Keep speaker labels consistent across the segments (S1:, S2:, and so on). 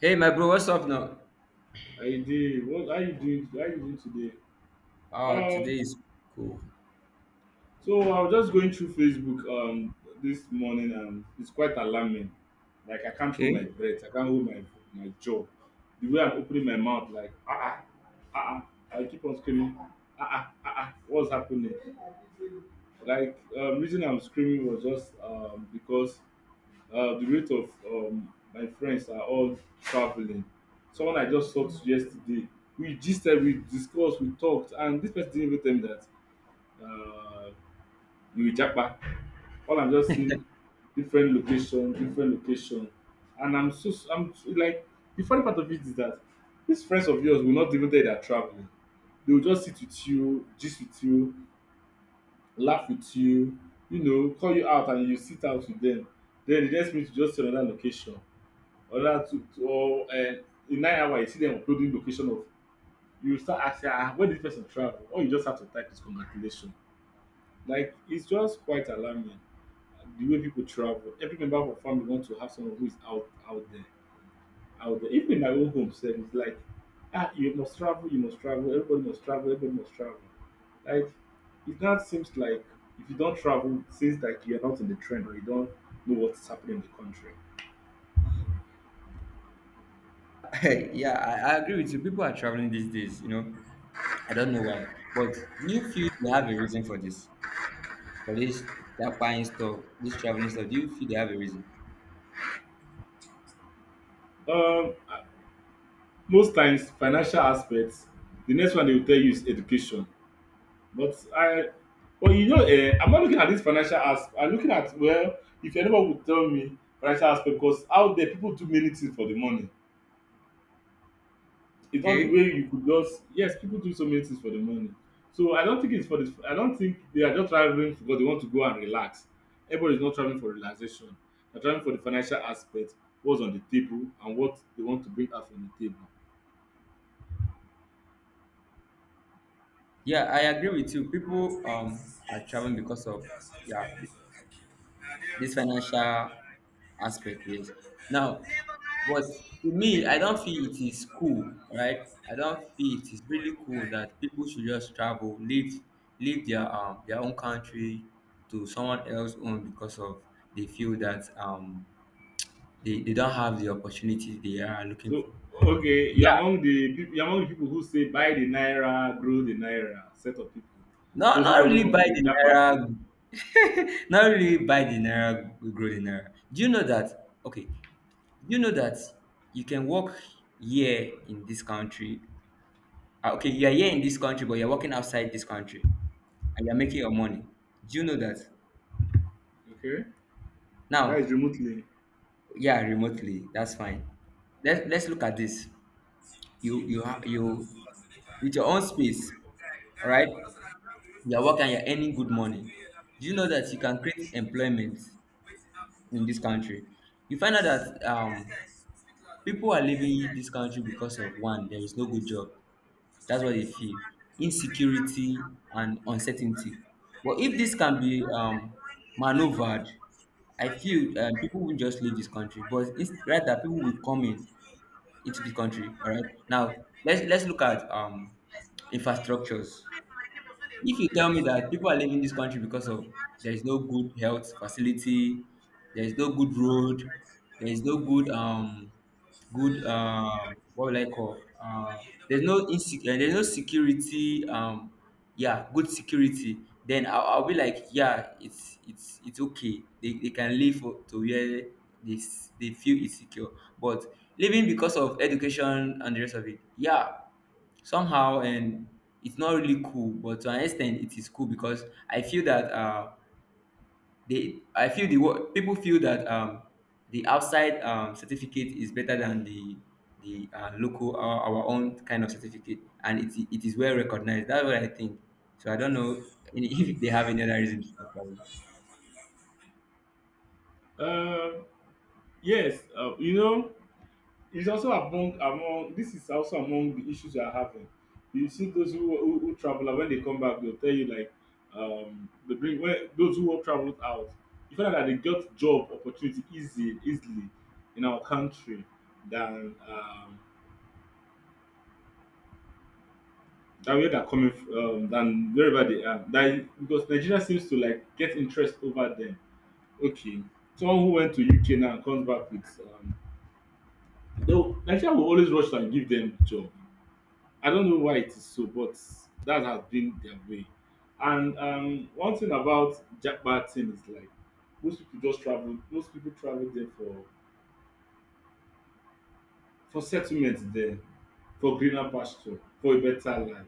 S1: Hey, my bro, what's up now?
S2: I did. What are you doing? How you doing today?
S1: Oh, today
S2: Um,
S1: is cool.
S2: so I was just going through Facebook this morning, and it's quite alarming. Like, I can't hold my
S1: Okay.
S2: breath. I can't hold my jaw. The way I'm opening my mouth, like ah ah ah, ah. I keep on screaming ah ah ah ah. What's happening? Like, reason I'm screaming was just because the rate of my friends are all traveling. Someone I just talked to yesterday, we just we discussed, we talked, and this person didn't even tell me that uh, you japa. All I'm just seeing different location, and like the funny part of it is that these friends of yours will not even tell you they're traveling. They will just sit with you, gist with you, laugh with you, you know, call you out, and you sit out with them. Then the next minute you just see another location, Ola, to or in 9 hours you see them uploading location of. You start asking, ah, where did this person travel, or you just have to type is congratulation. Like, it's just quite alarming, the way people travel. Every member of our family wants to have someone who is out there, out there. Even in my own home sef, it's like, ah, you must travel, you must travel, everybody must travel, everybody must travel. Like, it now seems like if you don't travel it seems like you're not in the trend, or you don't know what's happening in the country.
S1: Yeah, I agree with you. People are traveling these days, you know. I don't know why. But do you feel they have a reason for this? For this, that buying stuff, this traveling stuff, do you feel they have a reason?
S2: um Most times financial aspects, the next one they will tell you is education. But I Well, you know, I'm not looking at this financial, as I'm looking at, well, if anyone would tell me financial aspect, because out there people do many things for the money. It's not the
S1: Okay.
S2: way you could just, yes, people do so many things for the money. So I don't think it's for this. I don't think they are just traveling because they want to go and relax. Everybody's not traveling for relaxation. They're traveling for the financial aspect, what's on the table and what they want to bring out from the table.
S1: Yeah, I agree with you. People are traveling because of, yeah, this financial aspect, yes, now, but to me, I don't feel it is cool, right? I don't feel it is really cool that people should just travel, leave, leave their their own country to someone else's own because of, they feel that they don't have the opportunity they are looking
S2: So,
S1: for.
S2: okay,
S1: Yeah,
S2: you're among the people who say buy the naira, grow the naira, set of people.
S1: not
S2: Those who
S1: not
S2: doesn't
S1: really
S2: want
S1: buy
S2: to
S1: the
S2: japa.
S1: naira. Not really buy the naira, grow the naira. Do you know that? Okay. You know that you can work here in this country. Ah, okay, you are here in this country, but you're working outside this country and you're making your money. Do you know that?
S2: Okay, that is
S1: Now,
S2: remotely.
S1: yeah, remotely, that's fine. Let's look at this. You have you with your own space, all right? You're working, you're earning good money. Do you know that you can create employment in this country? You find out that people are leaving this country because of, one, there is no good job. That's what they feel. Insecurity and uncertainty. But if this can be maneuvered, I feel people won't just leave this country, but rather people will come in into the country. All right. Now let's look at infrastructures. If you tell me that people are leaving this country because of, there is no good health facility, there is no good road, there is no good what will I call, there's there's no security, yeah, good security, then I'll be like, yeah, it's okay, they can live for, to where they feel it's secure. But living because of education and the rest of it, yeah, somehow, and it's not really cool, but to an extent it is cool because I feel that they I feel the work people feel that the outside certificate is better than the local our own kind of certificate, and it is well recognized. That's what I think. So I don't know if they have any other reasons.
S2: Uh, yes, you know, it's also among this is also among the issues we are having. You see those who travel, and when they come back, they'll tell you like, they bring when those who have traveled out. You find out that they got job opportunity easy easily in our country than, and where they're coming from, than wherever they are. That because Nigeria seems to like get interest over them. Okay, someone who went to UK now and comes back with, Nigeria will always rush and give them job. I don't know why it is so, but that has been their way. And, one thing about Japan team is like most people just travel. Most people travel there for settlement there, for greener pasture, for a better life.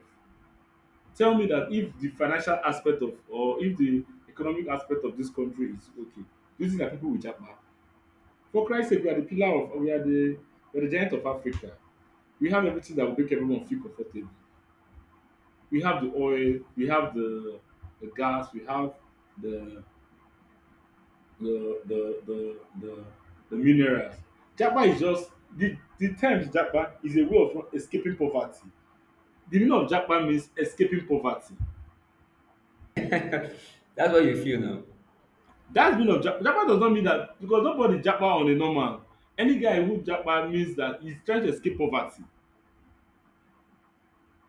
S2: Tell me that if the financial aspect of, or if the economic aspect of this country is okay, do you think that people will japa? For Christ's sake, we are the pillar of, we are the, we are the giant of Africa. We have everything that will make everyone feel comfortable. We have the oil, we have the gas, we have the the the the the, the minerals. Japa is just the term japa is a way of escaping poverty. The meaning of japa means escaping poverty.
S1: That's what you feel now.
S2: That's meaning of Japa. Japa does not mean that because nobody Japa on a normal. Any guy who Japa means that he's trying to escape poverty.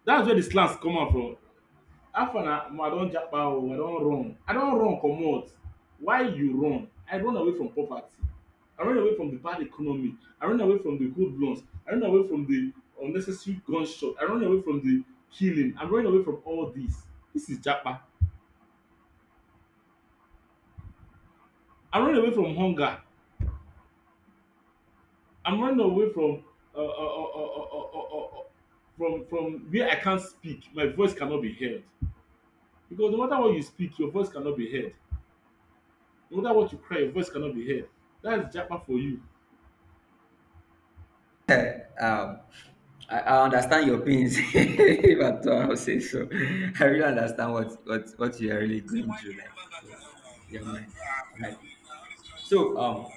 S2: That's where the slangs come out from. After far na omo I don Japa oo, I don run. I don run comot. Why you run? I run away from poverty. I run away from the bad economy. I run away from the hoodlums. I run away from the unnecessary gunshot. I run away from the killing. I'm running away from all this. This is Japa. I run away from hunger. I'm running away from uh, uh, uh, uh, uh, uh, uh, uh, uh, from where I can't speak. My voice cannot be heard, because no matter what you speak, your voice cannot be heard. No matter what you cry, your voice cannot be heard. That's japa for you.
S1: um I, understand your pains, if at all, I'll say so. I really understand what what you are really going through, like, yeah, your mind, right? So,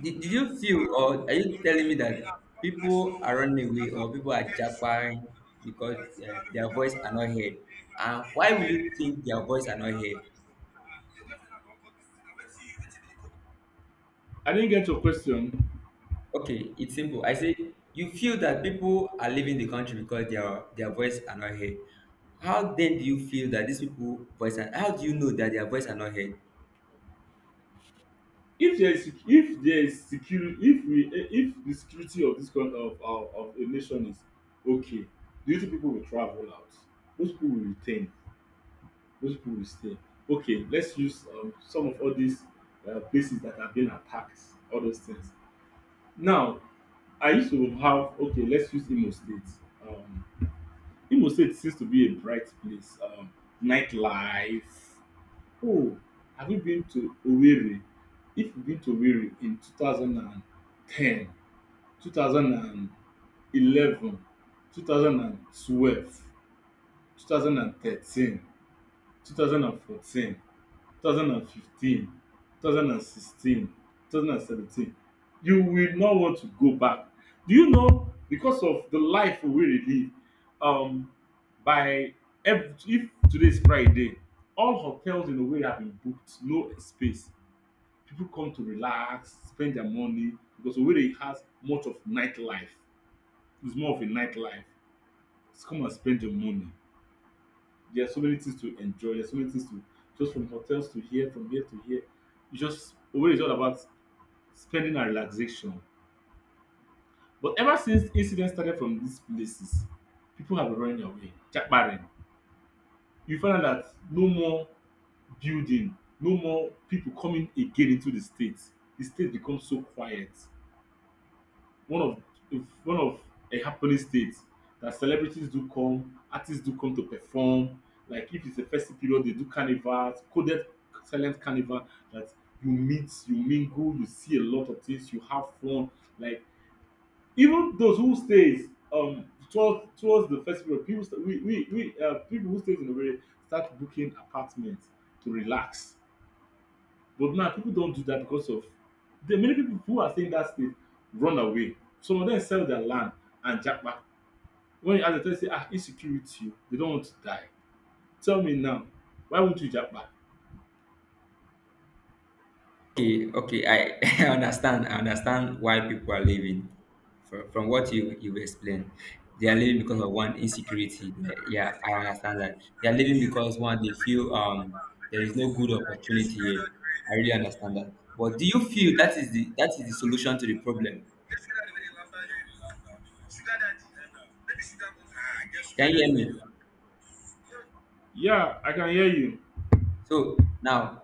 S1: did you feel, or are you telling me that people are running away or people are jabbering because their voice are not heard? And why would you think their voice are not heard?
S2: I didn't get your question.
S1: Okay, it's simple. I say, you feel that people are leaving the country because their voice are not heard. How then do you feel that these people voice are, how do you know that their voice are not heard?
S2: If there is security, if the security of this country, of our, of a nation is okay, do you think people will travel out? Those people will retain. Those people will stay. Okay, let's use, some of all these, places that have been attacked, all those things. Now, I used to have, okay, let's use Imo State. Um, Imo State seems to be a bright place. Nightlife. Oh, have you been to Owerri? If you've been to Owerri in 2010, 2011, 2012, 2013, 2014, 2015, 2016, 2017, you will not want to go back. Do you know, because of the life we really live? Um, by if today is Friday, all hotels in a way have been booked, no space. People come to relax, spend their money, because Owerri has much of nightlife. It's more of a nightlife. Just come and spend your money. There are so many things to enjoy. There's so many things to, just from hotels to here, from here to here. It's just Owerri is all about spending and relaxation. But ever since incidents started from these places, people have been running away, jackbarring. You find out that no more building, no more people coming again into the state. The state becomes so quiet. One of, if one of, a happening state that celebrities do come, artists do come to perform. Like if it's a festive period, they do carnivals, coded silent carnival, that you meet, you mingle, you see a lot of things, you have fun. Like even those who stays, um towards the festival, people st- we people who stays in the way start booking apartments to relax. But now people don't do that because of the many people who are saying that state, run away. Some of them sell their land and japa. When you ask them, they say, ah, insecurity. They don't want to die. Tell me now, why won't you japa?
S1: Okay, okay, I, I understand. I understand why people are leaving. From what you explained, they are leaving because of, one, insecurity. Yeah, I understand that. They are leaving because, one, they feel there is no good opportunity here. I really understand that. But do you feel that is the, that is the solution to the problem? Can you hear me?
S2: Yeah, I can hear you.
S1: So now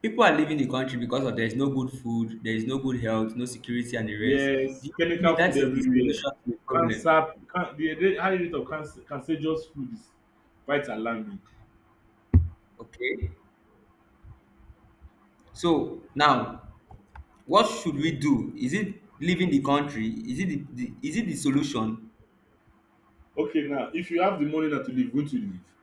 S1: people are leaving the country because of, there is no good food, there is no good health, no security, and the rest. Do
S2: Yes,
S1: you
S2: chemical
S1: feel that
S2: food
S1: is the
S2: everywhere.
S1: solution to the problem?
S2: Cancer, the high rate of cancer, cancerous food, is quite alarming.
S1: Okay. So now, what should we do? Is it leaving the country? Is it the is it the solution?
S2: Okay, now, if you have the money not to leave, won't you leave?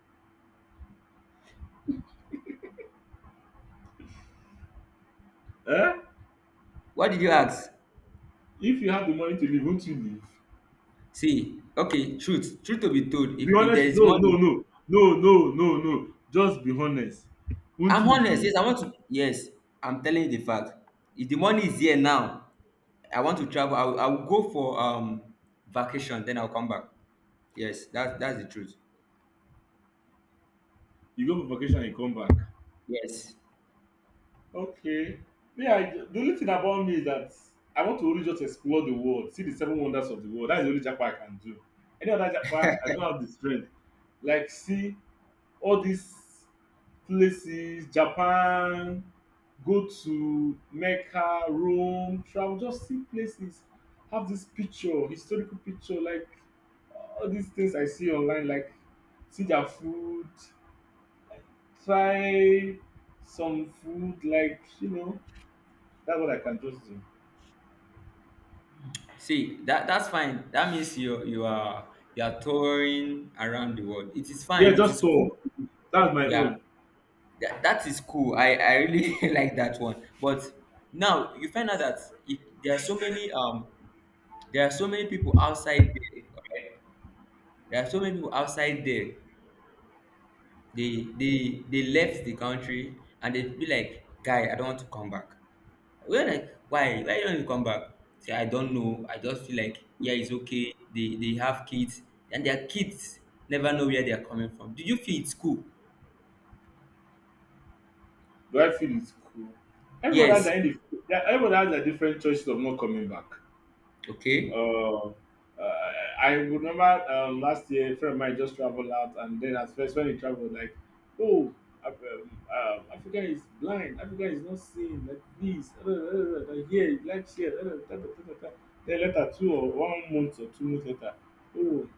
S2: Eh?
S1: What did you ask?
S2: If you have the money to leave, won't you leave?
S1: See, okay, truth to be told,
S2: Be
S1: if there
S2: honest.
S1: is
S2: No, no,
S1: money,
S2: no, no, no, no, no, just be honest. Won't
S1: I'm
S2: you
S1: honest.
S2: leave?
S1: Yes, I want to. Yes, I'm telling you the fact. If the money is here now, I want to travel. I will go for vacation, then I'll come back. Yes, that that's the truth.
S2: You go for vacation and you come back.
S1: Yes.
S2: Okay. Yeah, I the only thing about me is that I want to only just explore the world, see the seven wonders of the world. That's the only japa I can do. Any other japa I don't have the strength. Like, see all these places, Japan, go to Mecca, Rome, travel, just see places, have this picture, historical picture, like all these things I see online, like, see their food, try some food, like, you know, that's what I can just do.
S1: See, that that's fine. That means you are touring around the world. It is
S2: Yeah,
S1: fine. It
S2: just
S1: is
S2: tour.
S1: cool.
S2: That's my
S1: Yeah.
S2: own.
S1: That, that is cool. I really like that one. But now you find out that if there are so many there are so many people outside there. Alright? There are so many people outside there. They left the country and they be like, guy, I don't want to come back. We were like, why? Why don't you come back? Say, I don't know. I just feel like, yeah, it's okay. They have kids, and their kids never know where they are coming from. Do you feel it's cool?
S2: Do I feel it's cool? everybody has
S1: Yes.
S2: their, indi- Everybody has their different choices of not coming back. Uh,
S1: Okay.
S2: uh, I remember, last year, a friend of mine just traveled out, and then at first when he traveled, like, oh, Africa is blind. Africa is not seeing. Like this, like here, like here. Da, da, da, da, da. Then later, 2 or 1 month or 2 months later, oh,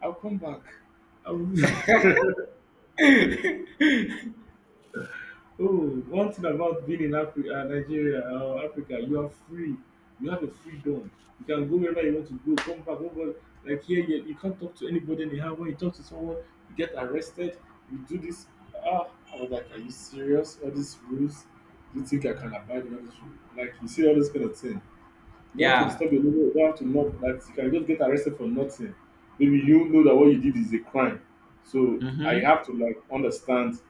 S2: I'll come back. I will Oh, one thing about being in Nigeria or Africa, you are free. You have a freedom. You can go wherever you want to go, come back, go back. Like here, you can't talk to anybody anyhow. When you talk to someone, you get arrested. You do this. Ah, I was like, are you serious? All these rules? Do you think I can abide by this rule? Like, you see all this kind of thing. You don't have to disturb
S1: Yeah.
S2: your neighbor. You don't have to knock. Like, you can just get arrested for nothing. Maybe you know that what you did is a crime. So I
S1: Mm-hmm.
S2: have to like understand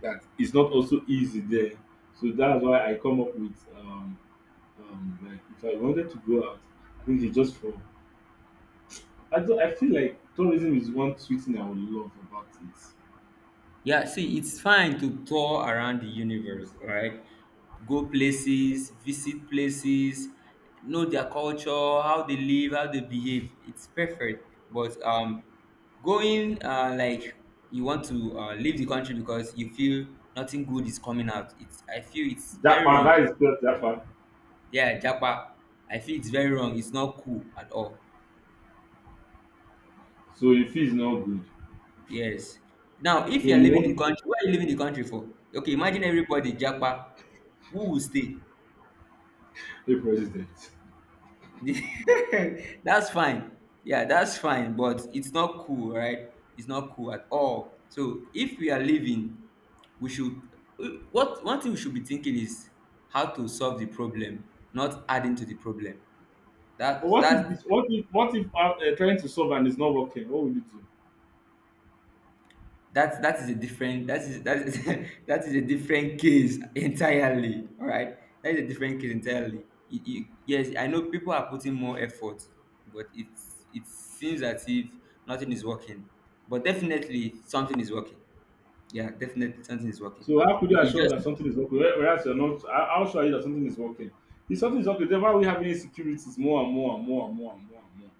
S2: that is not also easy there. So that's why I come up with like if I wanted to go out, I think it's just for I do, I feel like tourism is one sweet thing I would love about it.
S1: Yeah, see, it's fine to tour around the universe, right? Go places, visit places, know their culture, how they live, how they behave. It's perfect. But going like, you want to leave the country because you feel nothing good is coming out. It's, I feel it's
S2: That
S1: very
S2: one
S1: wrong.
S2: that is just that one.
S1: Yeah, Japa, I feel it's very wrong. It's not cool at all.
S2: So if it's not good,
S1: Yes. Now, if
S2: so
S1: you're
S2: you
S1: leaving the
S2: want
S1: country, what are you leaving the country for? Okay, imagine everybody Japa, who will stay?
S2: a president.
S1: That's fine. Yeah, that's fine, but it's not cool, right? It's not cool at all. So if we are living, we should what one thing we should be thinking is how to solve the problem, not adding to the problem.
S2: But
S1: That
S2: what if
S1: that's
S2: this, what if trying to solve and it's not working? What will you do?
S1: that that is a different that is that is a different case entirely, all right? That is a different case entirely. Yes, I know people are putting more effort, but it's, it seems as if nothing is working, but definitely something is working. Yeah, definitely something is working.
S2: So how could
S1: you,
S2: you
S1: you
S2: assure
S1: just
S2: that something is working? Whereas you're not, how sure are you that something is working? If something is working, then why are we having insecurities more and more and more and more and more and more?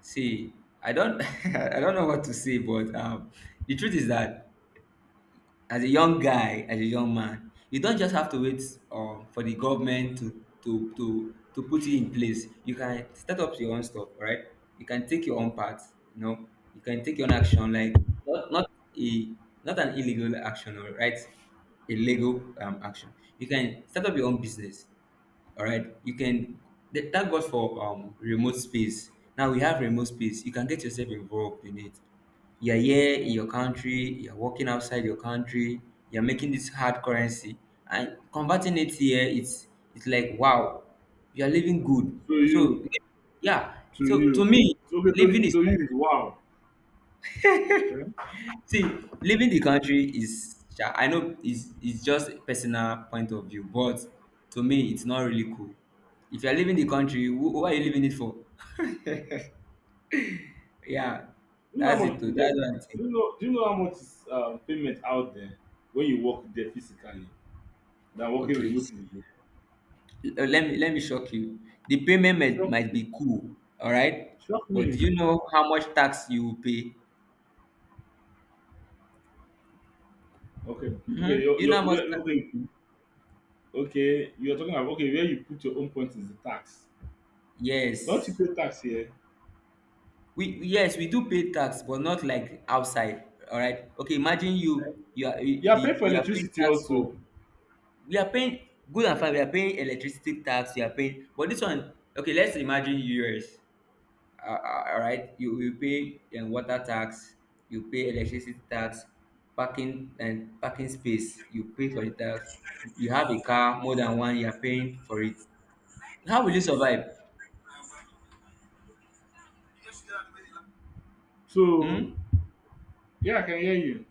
S1: see I don't I don't know what to say, but the truth is that, as a young guy, as a young man, you don't just have to wait for the government to put it in place. You can start up your own stuff, right? You can take your own part, you know? You can take your own action, like, not not a not an illegal action, or, right, a legal action. You can start up your own business, all right? You can, that, that goes for remote space. Now we have remote space, you can get yourself involved in it. You're here in your country, you're working outside your country, you're making this hard currency and converting it here. It's like wow, you're living good.
S2: To you,
S1: So, yeah,
S2: to
S1: so to
S2: you.
S1: me,
S2: So okay,
S1: living
S2: to,
S1: is
S2: to
S1: not.
S2: you is wow. Okay. Do
S1: See, leaving the country is, I know, is just a personal point of view, but to me, it's not really cool. If you're leaving the country, what are you leaving it for? Yeah,
S2: you know
S1: that's
S2: how much
S1: it.
S2: people
S1: Too. That's
S2: get?
S1: what I think.
S2: Do you know? Do you know how much is payment out there when you work there physically than working
S1: Okay,
S2: remotely?
S1: let me shock you. The payment might,
S2: Shock,
S1: might be cool, all right,
S2: shock
S1: but do
S2: me.
S1: you know how much tax you will pay?
S2: Okay, okay,
S1: Hmm, do you know how much tax you
S2: okay,
S1: will pay?
S2: okay. You're talking about okay. Where you put your own point is the tax. Don't you
S1: Yes.
S2: pay tax here?
S1: we Yes, we do pay tax, but not like outside. All right, okay, imagine
S2: You are paying for
S1: you are paying
S2: electricity
S1: tax
S2: also.
S1: for, we are paying, good and fine, we are paying electricity tax, we are paying, but this one, okay, let's imagine US, all right, you will pay water tax, you pay electricity tax, parking and parking space, you pay for the tax, you have a car more than one, you are paying for it. How will you survive?
S2: So
S1: Hmm.
S2: yeah, I can hear you.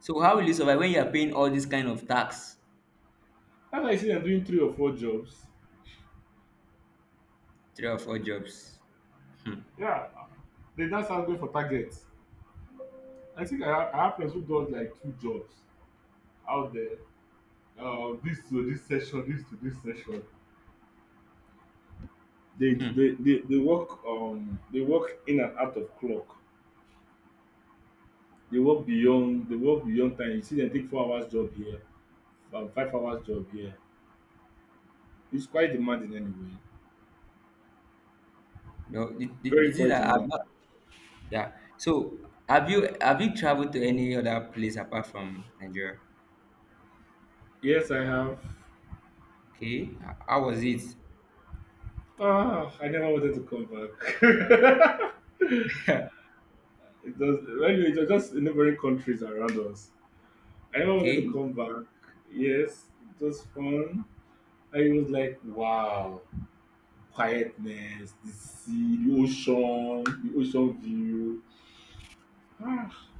S1: So how will you survive when you are paying all this kind of tax?
S2: That's why you see them doing three or four jobs.
S1: Three or four jobs. Hmm.
S2: Yeah, they just are going for targets. I think I have friends who does like two jobs out there. This to this session, this to this session. They
S1: Hmm.
S2: they, they, they work they work in and out of clock. They work beyond time. You see them take 4 hours job here, 5 hours job here. It's quite demanding anyway.
S1: No,
S2: Very
S1: this is
S2: quite
S1: that I've
S2: demanding.
S1: not. Yeah. So have you traveled to any other place apart from Nigeria?
S2: Yes, I have.
S1: Okay. How was it?
S2: Ah, I never wanted to come back. It does anyway. It was just neighboring countries around us. I never wanted to
S1: Okay.
S2: come back. Yes, it was fun. I was like, wow, quietness, the sea, the ocean view. Ah,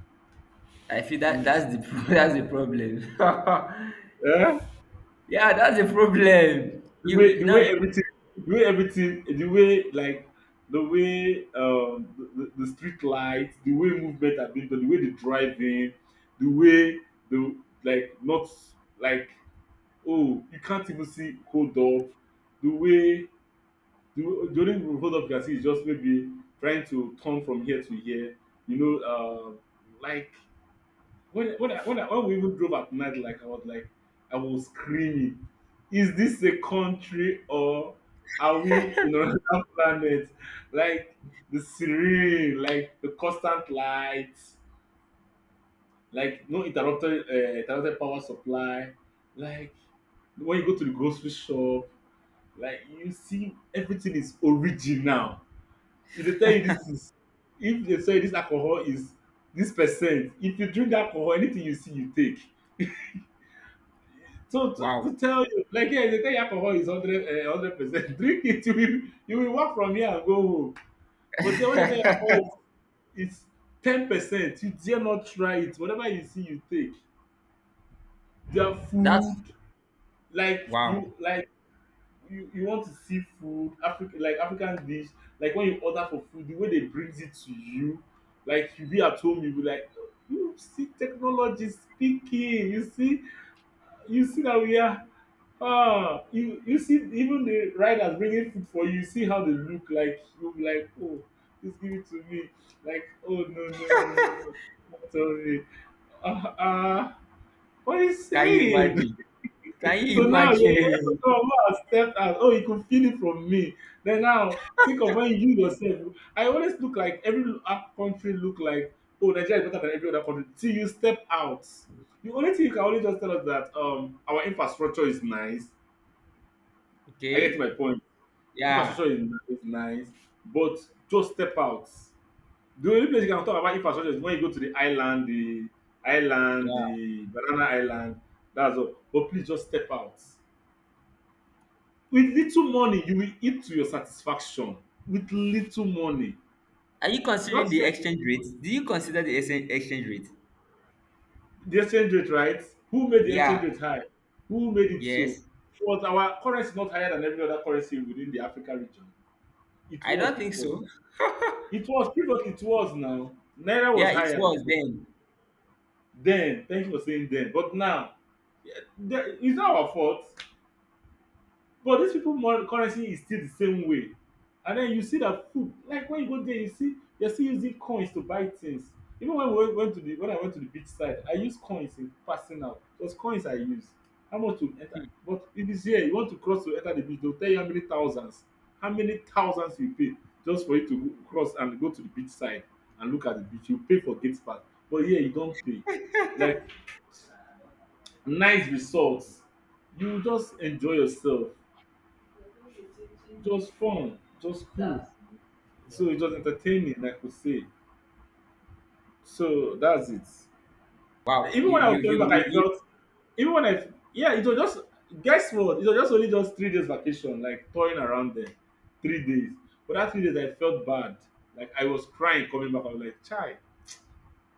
S1: I feel that
S2: please.
S1: that's the that's the problem.
S2: Eh?
S1: Yeah, that's the problem.
S2: The
S1: You
S2: way
S1: you-
S2: the
S1: now
S2: way
S1: you
S2: everything, the way everything, the way like the way the street lights, the way movement have been done, the way the driving, the way the like not like, oh, you can't even see hold up, the way the only hold up you can see is just maybe trying to turn from here to here. You know, like when we even drove at night, like I was screaming, "Is this a country or are we in another planet?" Like the serene, like the constant lights, like no interrupted power supply, like when you go to the grocery shop, like you see everything is original, e dey tell you this is if they say this alcohol is this percent, if you drink alcohol, anything you see you take. So to,
S1: wow.
S2: to tell you, like here dey tell you alcohol is 100%, drink it, you will walk from here and go home. But then when dey tell you alcohol is 10%, you dare not try it, whatever you see you take. Their food,
S1: That's
S2: like
S1: wow.
S2: you like you want to see food african, like african dish, like when you order for food, the way they brings it to you, like you be at home, you be like, "Oh, you see technology speaking, you see that we are, ah, you see even the riders bringing food for you, you see how they look like, you be like, oh, please give it to me, like, oh no, no, no, no, no, don't tell me, ah, ah, what are you
S1: Can you
S2: saying?"
S1: imagine? Can
S2: So
S1: you
S2: now your ear for
S1: imagine?
S2: some of us stepped out. Oh, you could feel it from me. Then now think of when you yourself. I always look like every country look like, oh, Nigeria is better than every other country. Till you step out. The only thing you can only just tell us that our infrastructure is nice. I get my
S1: Okay.
S2: point.
S1: Yeah.
S2: Infrastructure is nice, is nice, but just step out. The only place you can talk about infrastructure is when you go to the island, the island,
S1: Yeah.
S2: the banana island. That's all. But please just step out. With little money, you will eat to your satisfaction. With little money.
S1: Are you
S2: Not
S1: considering the
S2: yet
S1: exchange rate? Do you consider the exchange rate?
S2: the exchange rate, right? Who made the
S1: Yeah.
S2: exchange rate high? Who made it so?
S1: Yes,
S2: Was our currency not higher than every other currency within the Africa region? It
S1: I
S2: was
S1: don't think
S2: before.
S1: so.
S2: It was previously. It was now. Naira was
S1: Yeah, it
S2: higher
S1: was
S2: before.
S1: then.
S2: Then, thank you for saying then. But now, yeah, it's not our fault. But these people currency is still the same way. And then you see that food, like when you go there, you see you're still using coins to buy things. Even when we went to the when I went to the beach side, I used coins in passing out. Those coins I use. How much to enter? But it is here, you want to cross to enter the beach, they'll tell you how many thousands you pay just for you to cross and go to the beach side and look at the beach. You pay for gate pass, but here you don't pay. Like nice resorts, you just enjoy yourself, just fun, just cool. So it was entertaining, I could say. So that's it.
S1: Wow,
S2: Even
S1: you
S2: when I was
S1: you
S2: coming
S1: you
S2: back,
S1: you,
S2: I
S1: you
S2: felt, even when I yeah, it was just, guess what? It was just only just 3 days vacation, like touring around there. 3 days. But that 3 days I felt bad. Like I was crying coming back. I was like, Chai,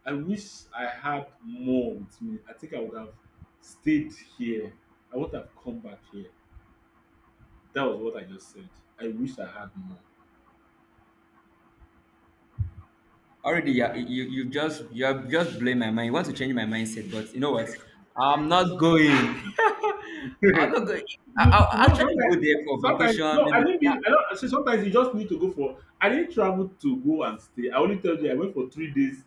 S2: I wish I had more with me. I think I would have stayed here. I would have come back here. That was what I just said. I wish I had more.
S1: already yeah, you just you have just blame my mind. You want to change my mindset, but you know what? I'm not going. I'm
S2: you,
S1: not going. I,
S2: you
S1: I'll
S2: know
S1: actually go
S2: sometimes,
S1: there for vacation.
S2: no, I
S1: Maybe,
S2: didn't
S1: yeah.
S2: mean, I don't see, sometimes you just need to go for, I didn't travel to go and stay, I only tell you I went for 3 days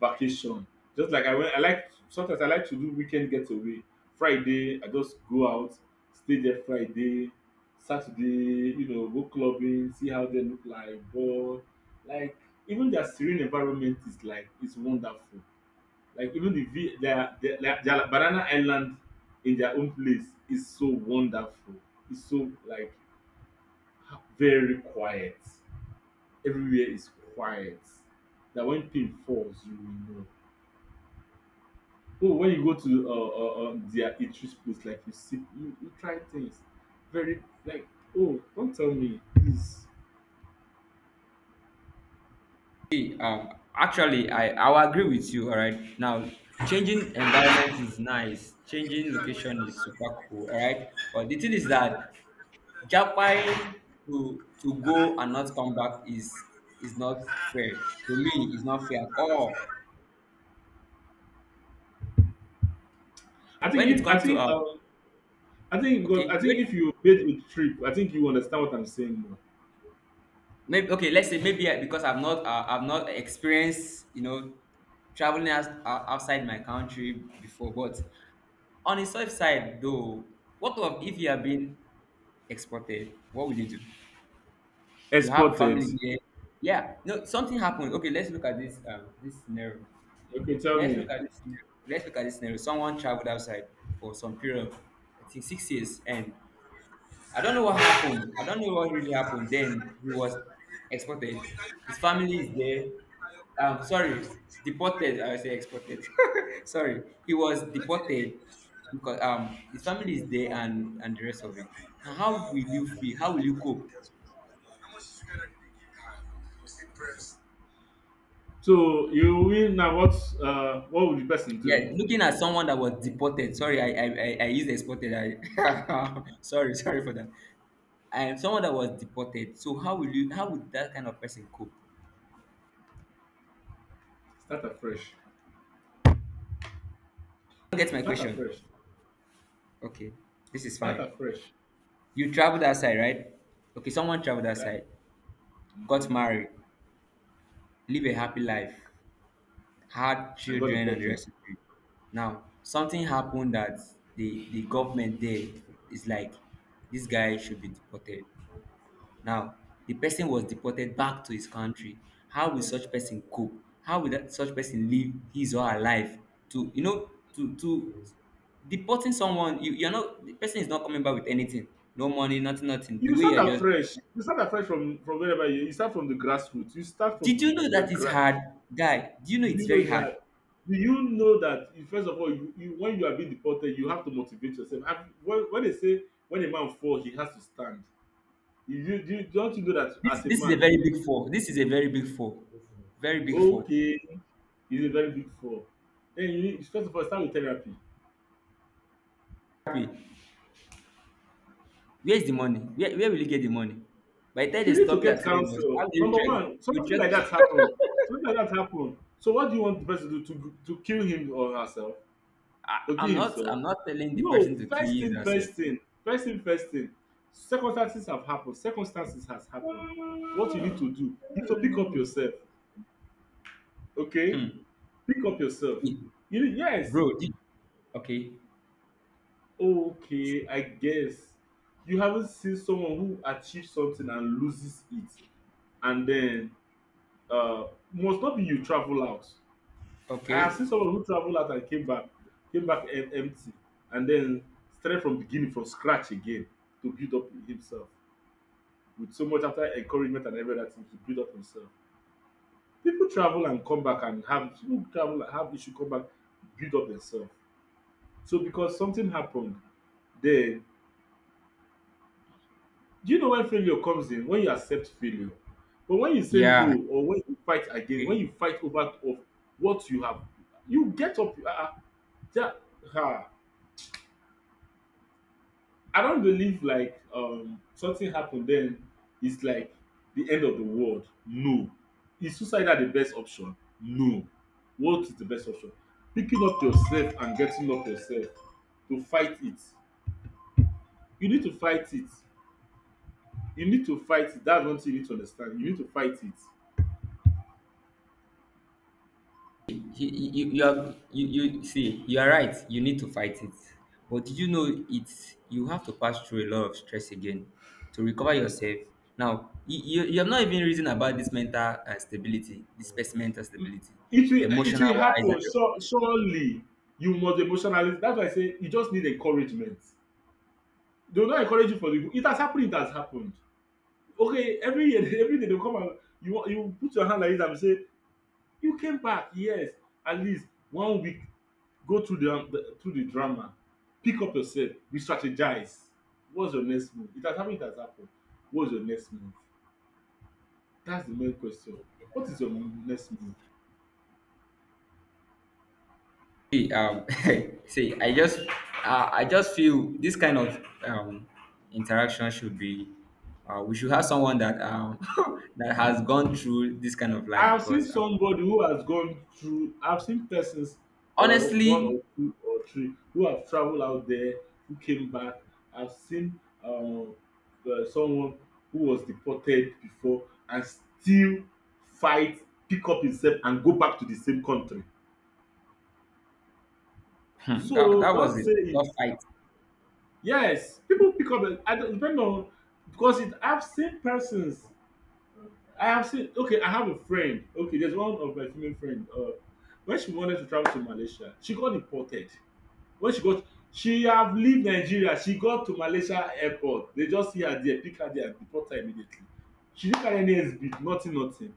S2: vacation, just like I went I like sometimes I like to do weekend getaway. Friday I just go out, stay there Friday, Saturday, you know, go clubbing, see how they look like. But like, even their serene environment is, like, it's wonderful. Like, even like, their banana island in their own place is so wonderful. It's so like very quiet. Everywhere is quiet. That when pin falls, you will know. Oh, when you go to their Itris place, like you see, you try things. Very like, oh, don't tell me this.
S1: See, actually, I I'll agree with you. All right, now, changing environment is nice. Changing location is super cool. All right, but the thing is that Japan to go and not come back is not fair to me. It's not fair at all.
S2: I think
S1: When it
S2: if I
S1: comes to
S2: think I think because I
S1: okay,
S2: think
S1: wait,
S2: if you made a trip, I think you understand what I'm saying more.
S1: maybe okay. Let's say maybe I, because I've not experienced traveling as, outside my country before. But on the soft side though, what of if you have been exported? What will you do? You have a
S2: Exported.
S1: family here. Yeah, no, something happened. Okay, let's look at this this scenario.
S2: Okay, tell
S1: Let's
S2: me.
S1: look at this scenario. Let's look at this scenario. Someone traveled outside for some period, I think 6 years, and I don't know what happened. I don't know what really happened. Then he was exported. His family is there. Sorry, deported. I say exported. Sorry, he was deported because his family is there and the rest of it. Now, how will you feel? How will you cope?
S2: So you win now. What would the person do?
S1: Yeah, looking at someone that was deported. Sorry, I used exported. I sorry, sorry for that. And someone that was deported. So how will you how would that kind of person cope? You
S2: Start afresh.
S1: don't get my
S2: Start
S1: question.
S2: afresh.
S1: Okay, this is
S2: Start
S1: fine.
S2: afresh.
S1: You traveled outside, right? Okay, someone traveled
S2: That,
S1: outside, got
S2: mhm.
S1: married, live a happy life, had
S2: I got
S1: children and the
S2: deported.
S1: rest of it. Now, something happened that the government there is like this guy should be deported. Now, the person was deported back to his country. How will such person cope? How will that such person live his or her life? To to deporting someone, you're not the person is not coming back with anything. No money, nothing, nothing. The
S2: You
S1: way
S2: start
S1: you're just
S2: afresh. You start afresh from wherever you. You start from the grassroots. You start from
S1: did you know
S2: the
S1: that it's
S2: grass.
S1: hard? Guy, do you know it's
S2: You know
S1: very
S2: it's hard.
S1: hard?
S2: Do you know that first of all, you when you are being deported, you have to motivate yourself. And when they say when a man falls, he has to stand. Don't you know that
S1: This
S2: as a
S1: this is a
S2: man,
S1: very big fall. This is a very big fall. Very big fall.
S2: okay, it's a very big fall. Then you need, first of all, start with therapy.
S1: Happy. Where's the money? Where will you get the money? By the time
S2: You
S1: they
S2: need to
S1: stop you at
S2: get
S1: Lagos, how
S2: counsel.
S1: do you
S2: Number
S1: trek?
S2: one,
S1: You
S2: something like
S1: trek
S2: that happened. Something like that happened. So what do you want the person to do? To kill him or herself? To kill himself?
S1: I'm not telling the person
S2: No.
S1: to
S2: First
S1: kill his
S2: thing,
S1: or say,
S2: first thing. First thing, first thing. Circumstances have happened. Circumstances has happened. What you need to do is to pick up yourself. Okay?
S1: hmm.
S2: Pick up yourself.
S1: It-
S2: You need, yes.
S1: bro, did, okay,
S2: Okay, I guess. You haven't seen someone who achieves something and loses it, and then uh must not be you travel out. I have
S1: okay,
S2: seen someone who traveled out and came back empty, and then started from beginning, from scratch again to build up himself with so much after encouragement and everything to build up himself. People travel and come back, and have, people travel and have issue, come back, build up themselves. So because something happened, then, do you know when failure comes in? When you accept failure. But when you say
S1: yeah,
S2: no, or when you fight again, when
S1: okay.
S2: you fight over of what you have, you get up. That, ah, I don't believe like, something happened, then it's like the end of the world. No. Is suicide the best option? No. What is the best option? Picking up yourself and getting up yourself to fight it. You need to fight it. You need to fight it. That's one thing you need to understand. You need to fight it.
S1: You see, you are right. You need to fight it. But did you know it's you have to pass through a lot of stress again to recover yourself? Now, you have not even reasoned about this mental stability, this person's mental stability,
S2: It will it
S1: emotional
S2: will
S1: wise,
S2: happen
S1: and
S2: surely. You must emotionally, that's why I say you just need encouragement. They will not encourage you for the good. It has happened, it has happened. Okay, every year every day they come and you put your hand like this and say, “You came back, yes, at least 1 week, go through the through the drama, pick up yourself, re-strategize. What's your next move?” It has happened, it has happened. What's your next move? That's the main question. What is your next move?
S1: see, see, I just feel this kind of interaction should be, we should have someone that that has gone through this kind of
S2: I
S1: life
S2: have seen
S1: because
S2: somebody who has gone through, I've seen persons or one
S1: honestly,
S2: or two or three who have traveled out there, who came back. I've seen someone who was deported before and still fight, pick up himself and go back to the same country.
S1: hmm, that,
S2: So
S1: that
S2: not
S1: was a
S2: say it.
S1: tough fight.
S2: Yes, people pick up. I don't depend on because it, I've seen persons I have seen. Okay, I have a friend. Okay, there's one of my female friend. When she wanted to travel to Malaysia, she got deported. When she got, she have leave Nigeria. She got to Malaysia airport. They just see her there, pick her there, and deport her immediately. She didn't carry any SB, nothing, nothing.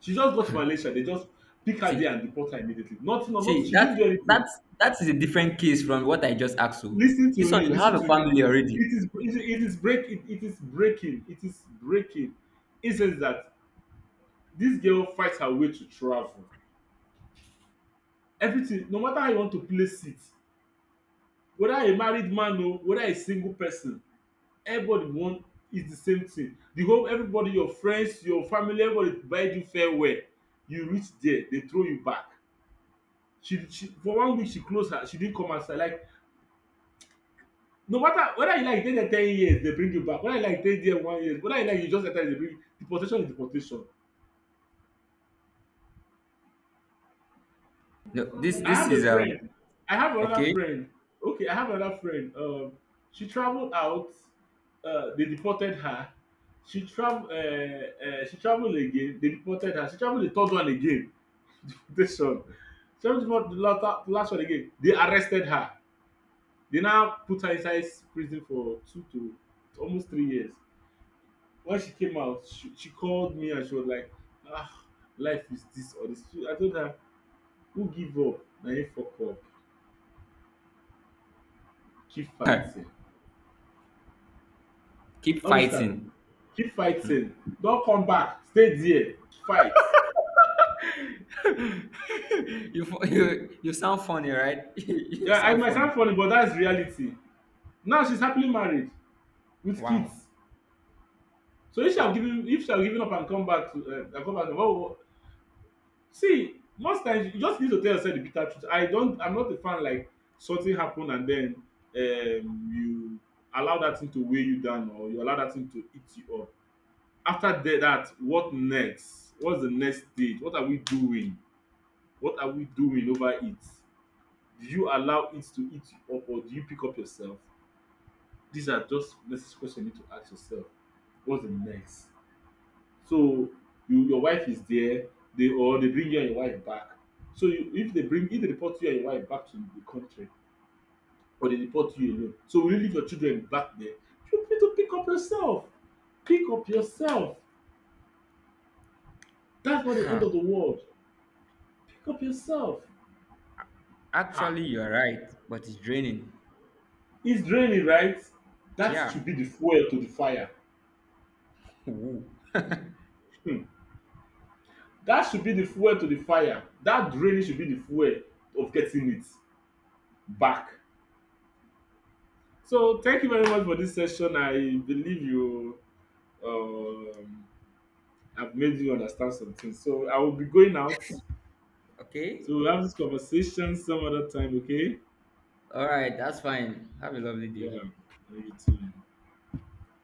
S2: She just got to Malaysia. They just pick her there
S1: See,
S2: and deport her immediately. Nothing, no, not.
S1: see,
S2: She didn't
S1: that
S2: do anything.
S1: that's that is a different case from what I just asked you.
S2: Listen to
S1: This one,
S2: me.
S1: you have
S2: Listen
S1: a
S2: to me.
S1: family already.
S2: It is break. It is breaking. It is breaking. It says that this girl fights her way to travel everything, no matter how you want to place it, whether a married man o whether a single person, everybody wan eat the same thing, the whole, everybody, your friends, your family, everybody bide you farewell, you reach there dey throw you back. She for 1 week she close her, she didn't come outside like, no matter whether you like you dey there 10 years dey bring you back, whether you like you dey there 1 year, whether you like you just enter dey bring you. Deportation is deportation.
S1: No, this
S2: I
S1: this
S2: have
S1: is
S2: a friend. I have another
S1: okay.
S2: friend. Okay, I have another friend. She traveled out. They deported her. She travel. She traveled again. They deported her. She traveled the third one again. Deportation. She traveled the last one again. They arrested her. They now put her inside prison for two to almost 3 years. When she came out, she called me and she was like, "Ah, life is this or this." I told her, "Who give up? Now you fuck up. Keep fighting."
S1: Keep
S2: All this time.
S1: fighting.
S2: Keep fighting. Don't come back. Stay there. Fight.
S1: You fu- you sound funny, right? You
S2: Yeah, it
S1: sound
S2: might sound
S1: funny.
S2: funny, but that's reality. Now she's happily married with
S1: Wow,
S2: kids. So
S1: wow.
S2: if she have given up and come back to and come back, to, well, see, most times you just need to tell yourself the bitter truth. I don't. I'm not a fan like something happen and then, um, you allow that thing to weigh you down, or you allow that thing to eat you up. After that, what next? What's the next stage? What are we doing? What are we doing over it? Do you allow it to eat you up, or do you pick up yourself? These are just necessary questions you need to ask yourself. What's the next? So you, your wife is there, they or they bring you and your wife back. So you, if they deport you and your wife back to the country, or they deport you alone, so will you leave your children back there? You need to pick up yourself. Pick up yourself. That's not the end
S1: Ah,
S2: of the world. Pick up yourself. Ha!
S1: actually, you're right, but it's draining.
S2: It's draining, right? That
S1: Yeah.
S2: should be the fuel to the fire.
S1: Woo.
S2: Hmm. That should be the fuel to the fire. That draining should be the fuel of getting it back. So thank you very much for this session. I believe you, um, have made you understand something. So I will be going out. So
S1: Okay.
S2: we'll have this conversation some other time, okay?
S1: All right, that's fine. Have a lovely
S2: Yeah.
S1: day.
S2: Love you too.